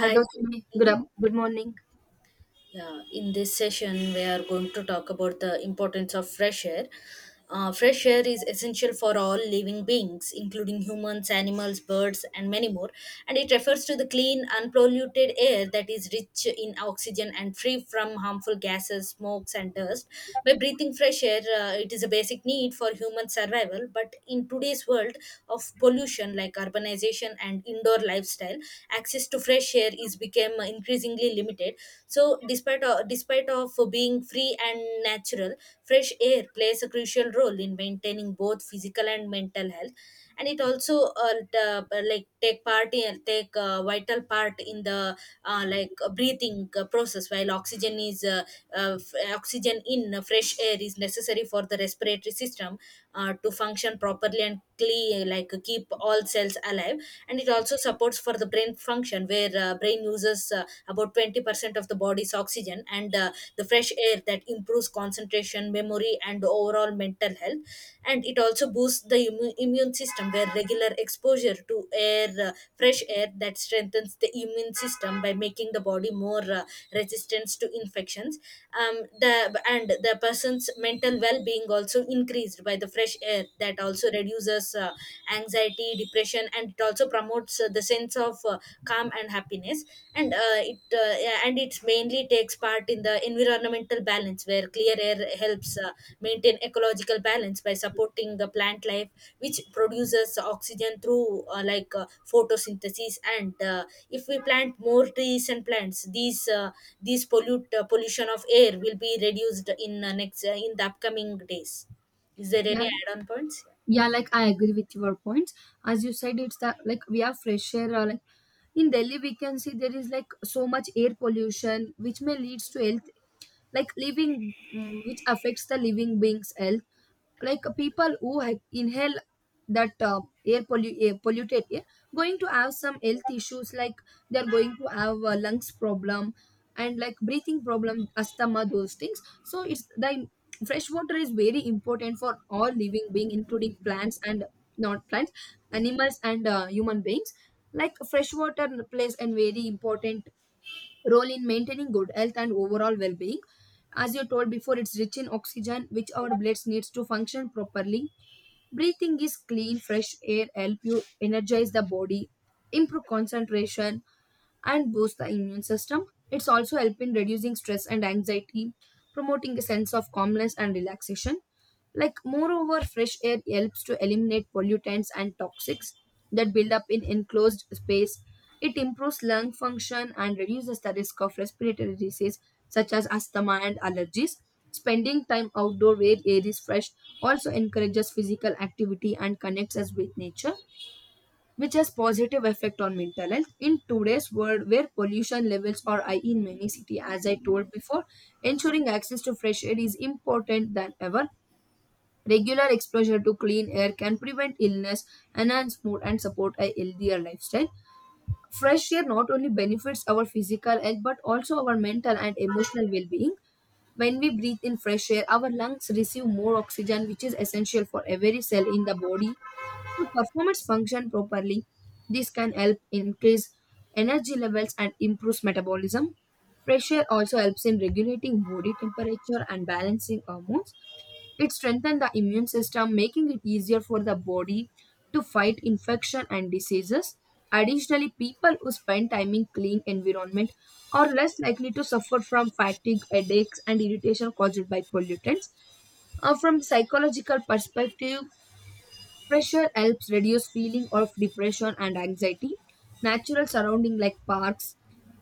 Hi, Gautami. Good up. Good morning. Yeah, in this session, we are going to talk about the importance of fresh air. Fresh air is essential for all living beings, including humans, animals, birds, and many more. And it refers to the clean, unpolluted air that is rich in oxygen and free from harmful gases, smokes, and dust. By breathing fresh air, it is a basic need for human survival. But in today's world of pollution, like urbanization and indoor lifestyle, access to fresh air is become increasingly limited, so despite of being free and natural, fresh air plays a crucial role in maintaining both physical and mental health. And it also the, like take part in take vital part in the breathing process, while oxygen in fresh air is necessary for the respiratory system to function properly and clean, like keep all cells alive. And it also supports for the brain function, where brain uses about 20% of the body's oxygen, and the fresh air that improves concentration, memory, and overall mental health. And it also boosts the immune system, where regular exposure to air fresh air that strengthens the immune system by making the body more resistant to infections. Um, the and the person's mental well-being also increased by the fresh air, that also reduces anxiety, depression, and it also promotes the sense of calm and happiness. And it mainly takes part in the environmental balance, where clear air helps maintain ecological balance by supporting the plant life, which produces oxygen through photosynthesis. And if we plant more trees and plants, these pollute pollution of air will be reduced in next in the upcoming days. Is there Yeah, any add on points? yeah, like I agree with your points. As you said, it's that like we have fresh air. Or, like in Delhi, we can see there is like so much air pollution, which may leads to health like living which affects the living beings health like people who inhale that air polluted air going to have some health issues like they're going to have a lungs problem, and like breathing problem, asthma, those things. So it's the fresh water is very important for all living being, including plants and not plants animals and human beings. Like fresh water plays a very important role in maintaining good health and overall well-being. As you told before, it's rich in oxygen, which our bloods needs to function properly. Breathing is clean fresh air, help you energize the body, improve concentration, and boost the immune system. It's also help in reducing stress and anxiety, promoting a sense of calmness and relaxation. Like moreover, fresh air helps to eliminate pollutants and toxics that build up in enclosed space. It improves lung function and reduces the risk of respiratory disease such as asthma and allergies. Spending time outdoor where air is fresh also encourages physical activity and connects us with nature, which has positive effect on mental health. In today's world where pollution levels are high in many cities, as I told before, ensuring access to fresh air is important than ever. Regular exposure to clean air can prevent illness, enhance mood, and support a healthier lifestyle. Fresh air not only benefits our physical health but also our mental and emotional well-being. When we breathe in fresh air, our lungs receive more oxygen, which is essential for every cell in the body to performance function properly. This can help increase energy levels and improves metabolism. Fresh air also helps in regulating body temperature and balancing hormones. It strengthens the immune system, making it easier for the body to fight infection and diseases. Additionally, people who spend time in clean environment are less likely to suffer from fatigue, headaches, and irritation caused by pollutants. From psychological perspective, fresh air helps reduce feeling of depression and anxiety. Natural surrounding like parks,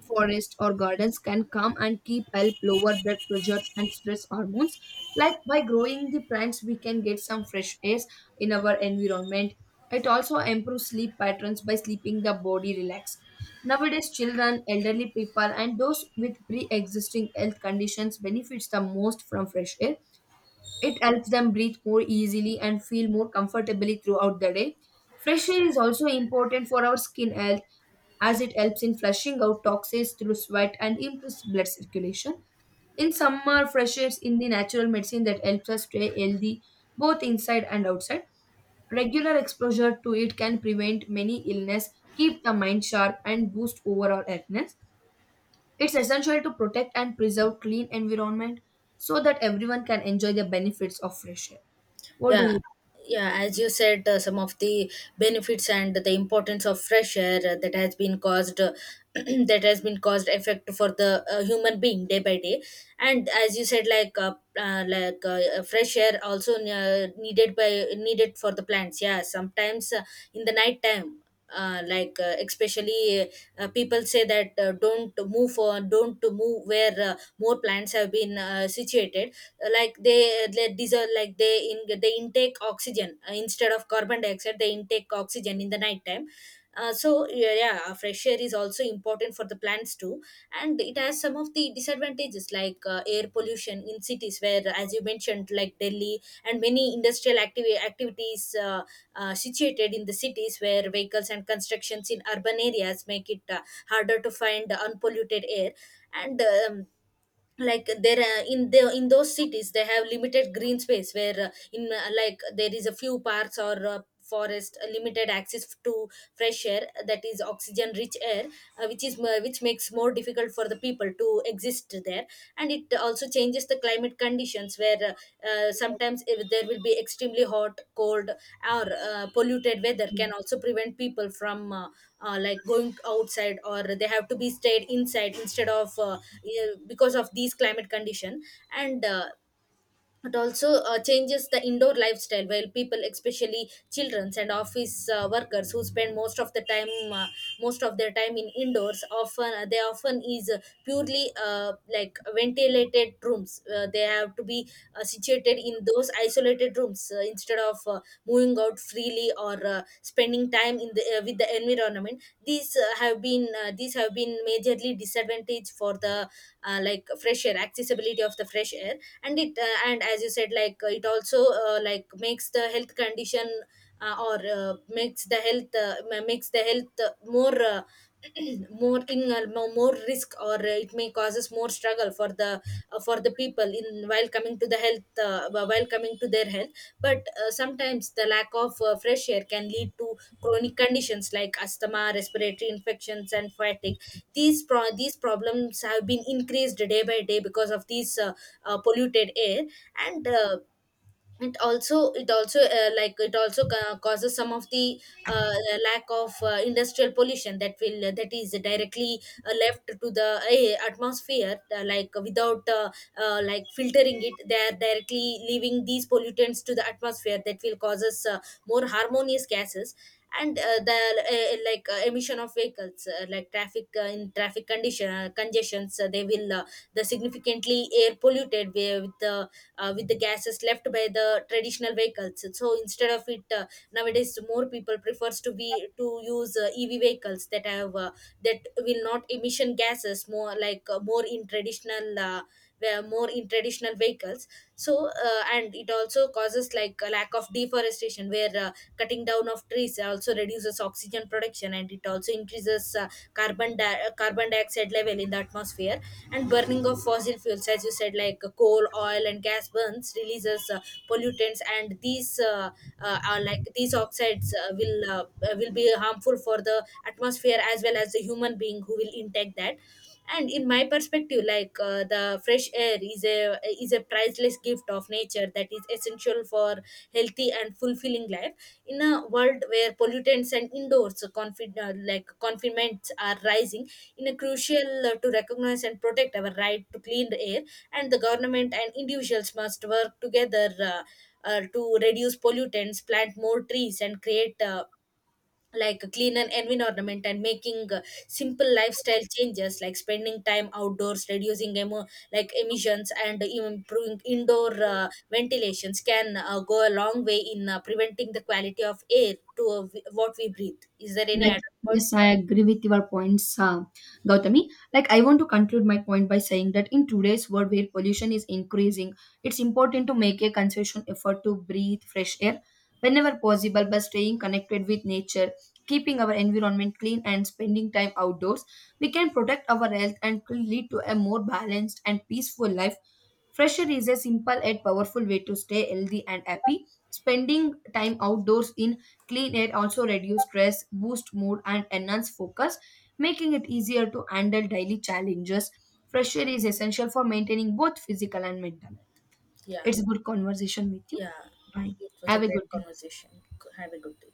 forests, or gardens can calm and keep help lower blood pressures and stress hormones. Like by growing the plants, we can get some fresh air in our environment. It also improves sleep patterns by sleeping the body relaxed. Nowadays, children, elderly people, and those with pre-existing health conditions benefits the most from fresh air. It helps them breathe more easily and feel more comfortably throughout the day. Fresh air is also important for our skin health as it helps in flushing out toxins through sweat and improves blood circulation. In summer, fresh air is in the natural medicine that helps us stay healthy both inside and outside. Regular exposure to it can prevent many illness, keep the mind sharp, and boost overall healthiness. It's essential to protect and preserve clean environment so that everyone can enjoy the benefits of fresh air. What do Yeah, you yeah, as you said, some of the benefits and the importance of fresh air, that has been caused that has been caused effect for the human being day by day. And as you said, fresh air also needed for the plants. Yeah, sometimes in the night time, especially people say that don't move or don't to move where more plants have been situated. Like they deserve, like they intake oxygen, instead of carbon dioxide they intake oxygen in the nighttime. So fresh air is also important for the plants too, and it has some of the disadvantages, like air pollution in cities where, as you mentioned, like Delhi, and many activities situated in the cities, where vehicles and constructions in urban areas make it harder to find unpolluted air. And like there in those cities they have limited green space, where in like there is a few parks or forest, limited access to fresh air, that is oxygen rich air, which makes more difficult for the people to exist there. And it also changes the climate conditions, where sometimes if there will be extremely hot, cold, or polluted weather, can also prevent people from like going outside, or they have to be stayed inside instead of yeah, because of these climate condition. And it also changes the indoor lifestyle, while people, especially children and office workers, who spend most of their time in indoors, often they often is purely like ventilated rooms, they have to be situated in those isolated rooms, instead of moving out freely or spending time in the with the environment. These have been majorly disadvantage for the like fresh air accessibility of the fresh air. And it and as you said, it also like makes the health condition, or makes the health ma- makes the health more more risk, or it may causes more struggle for the people in, while coming to the health, while coming to their health. But sometimes the lack of fresh air can lead to chronic conditions like asthma, respiratory infections, and fatigue. These problems have been increased day by day because of these polluted air. And it also like it also ca- causes some of the uh, lack of industrial pollution, that will that is directly left to the atmosphere, like without like filtering it, they are directly leaving these pollutants to the atmosphere, that will causes more harmonious gases. And the like Emission of vehicles, like traffic, in traffic condition, congestions, the significantly air polluted, with the gases left by the traditional vehicles. So instead of it, nowadays more people prefers to use ev vehicles, that have that will not emission gases more, more in traditional, where more in traditional vehicles. So and it also causes like a lack of deforestation, where cutting down of trees also reduces oxygen production, and it also increases carbon dioxide level in the atmosphere. And burning of fossil fuels, as you said, like coal, oil, and gas burns, releases pollutants, and these are like these oxides will be harmful for the atmosphere, as well as the human being who will intake that. And in my perspective, the fresh air is a priceless gift of nature, that is essential for healthy and fulfilling life. In a world where pollutants and indoors confinements are rising, in a crucial to recognize and protect our right to clean air. And the government and individuals must work together, to reduce pollutants, plant more trees, and create like a cleaner environment, and making simple lifestyle changes like spending time outdoors, reducing emo- like emissions, and even improving indoor ventilations, can go a long way in preventing the quality of air to what we breathe. Is there any like, add-on point? yes, I agree with your points, Gautami. Like, I want to conclude my point by saying that in today's world where pollution is increasing, it's important to make a conscious effort to breathe fresh air whenever possible by staying connected with nature, keeping our environment clean, and spending time outdoors. We can protect our health and could lead to a more balanced and peaceful life. Fresh air is a simple yet powerful way to stay healthy and happy. Spending time outdoors in clean air also reduces stress, boosts mood, and enhances focus, making it easier to handle daily challenges. Fresh air is essential for maintaining both physical and mental health. Yeah. It's a good conversation with you. Yeah, Bye. it was a Have a great good day. conversation. Have a good day.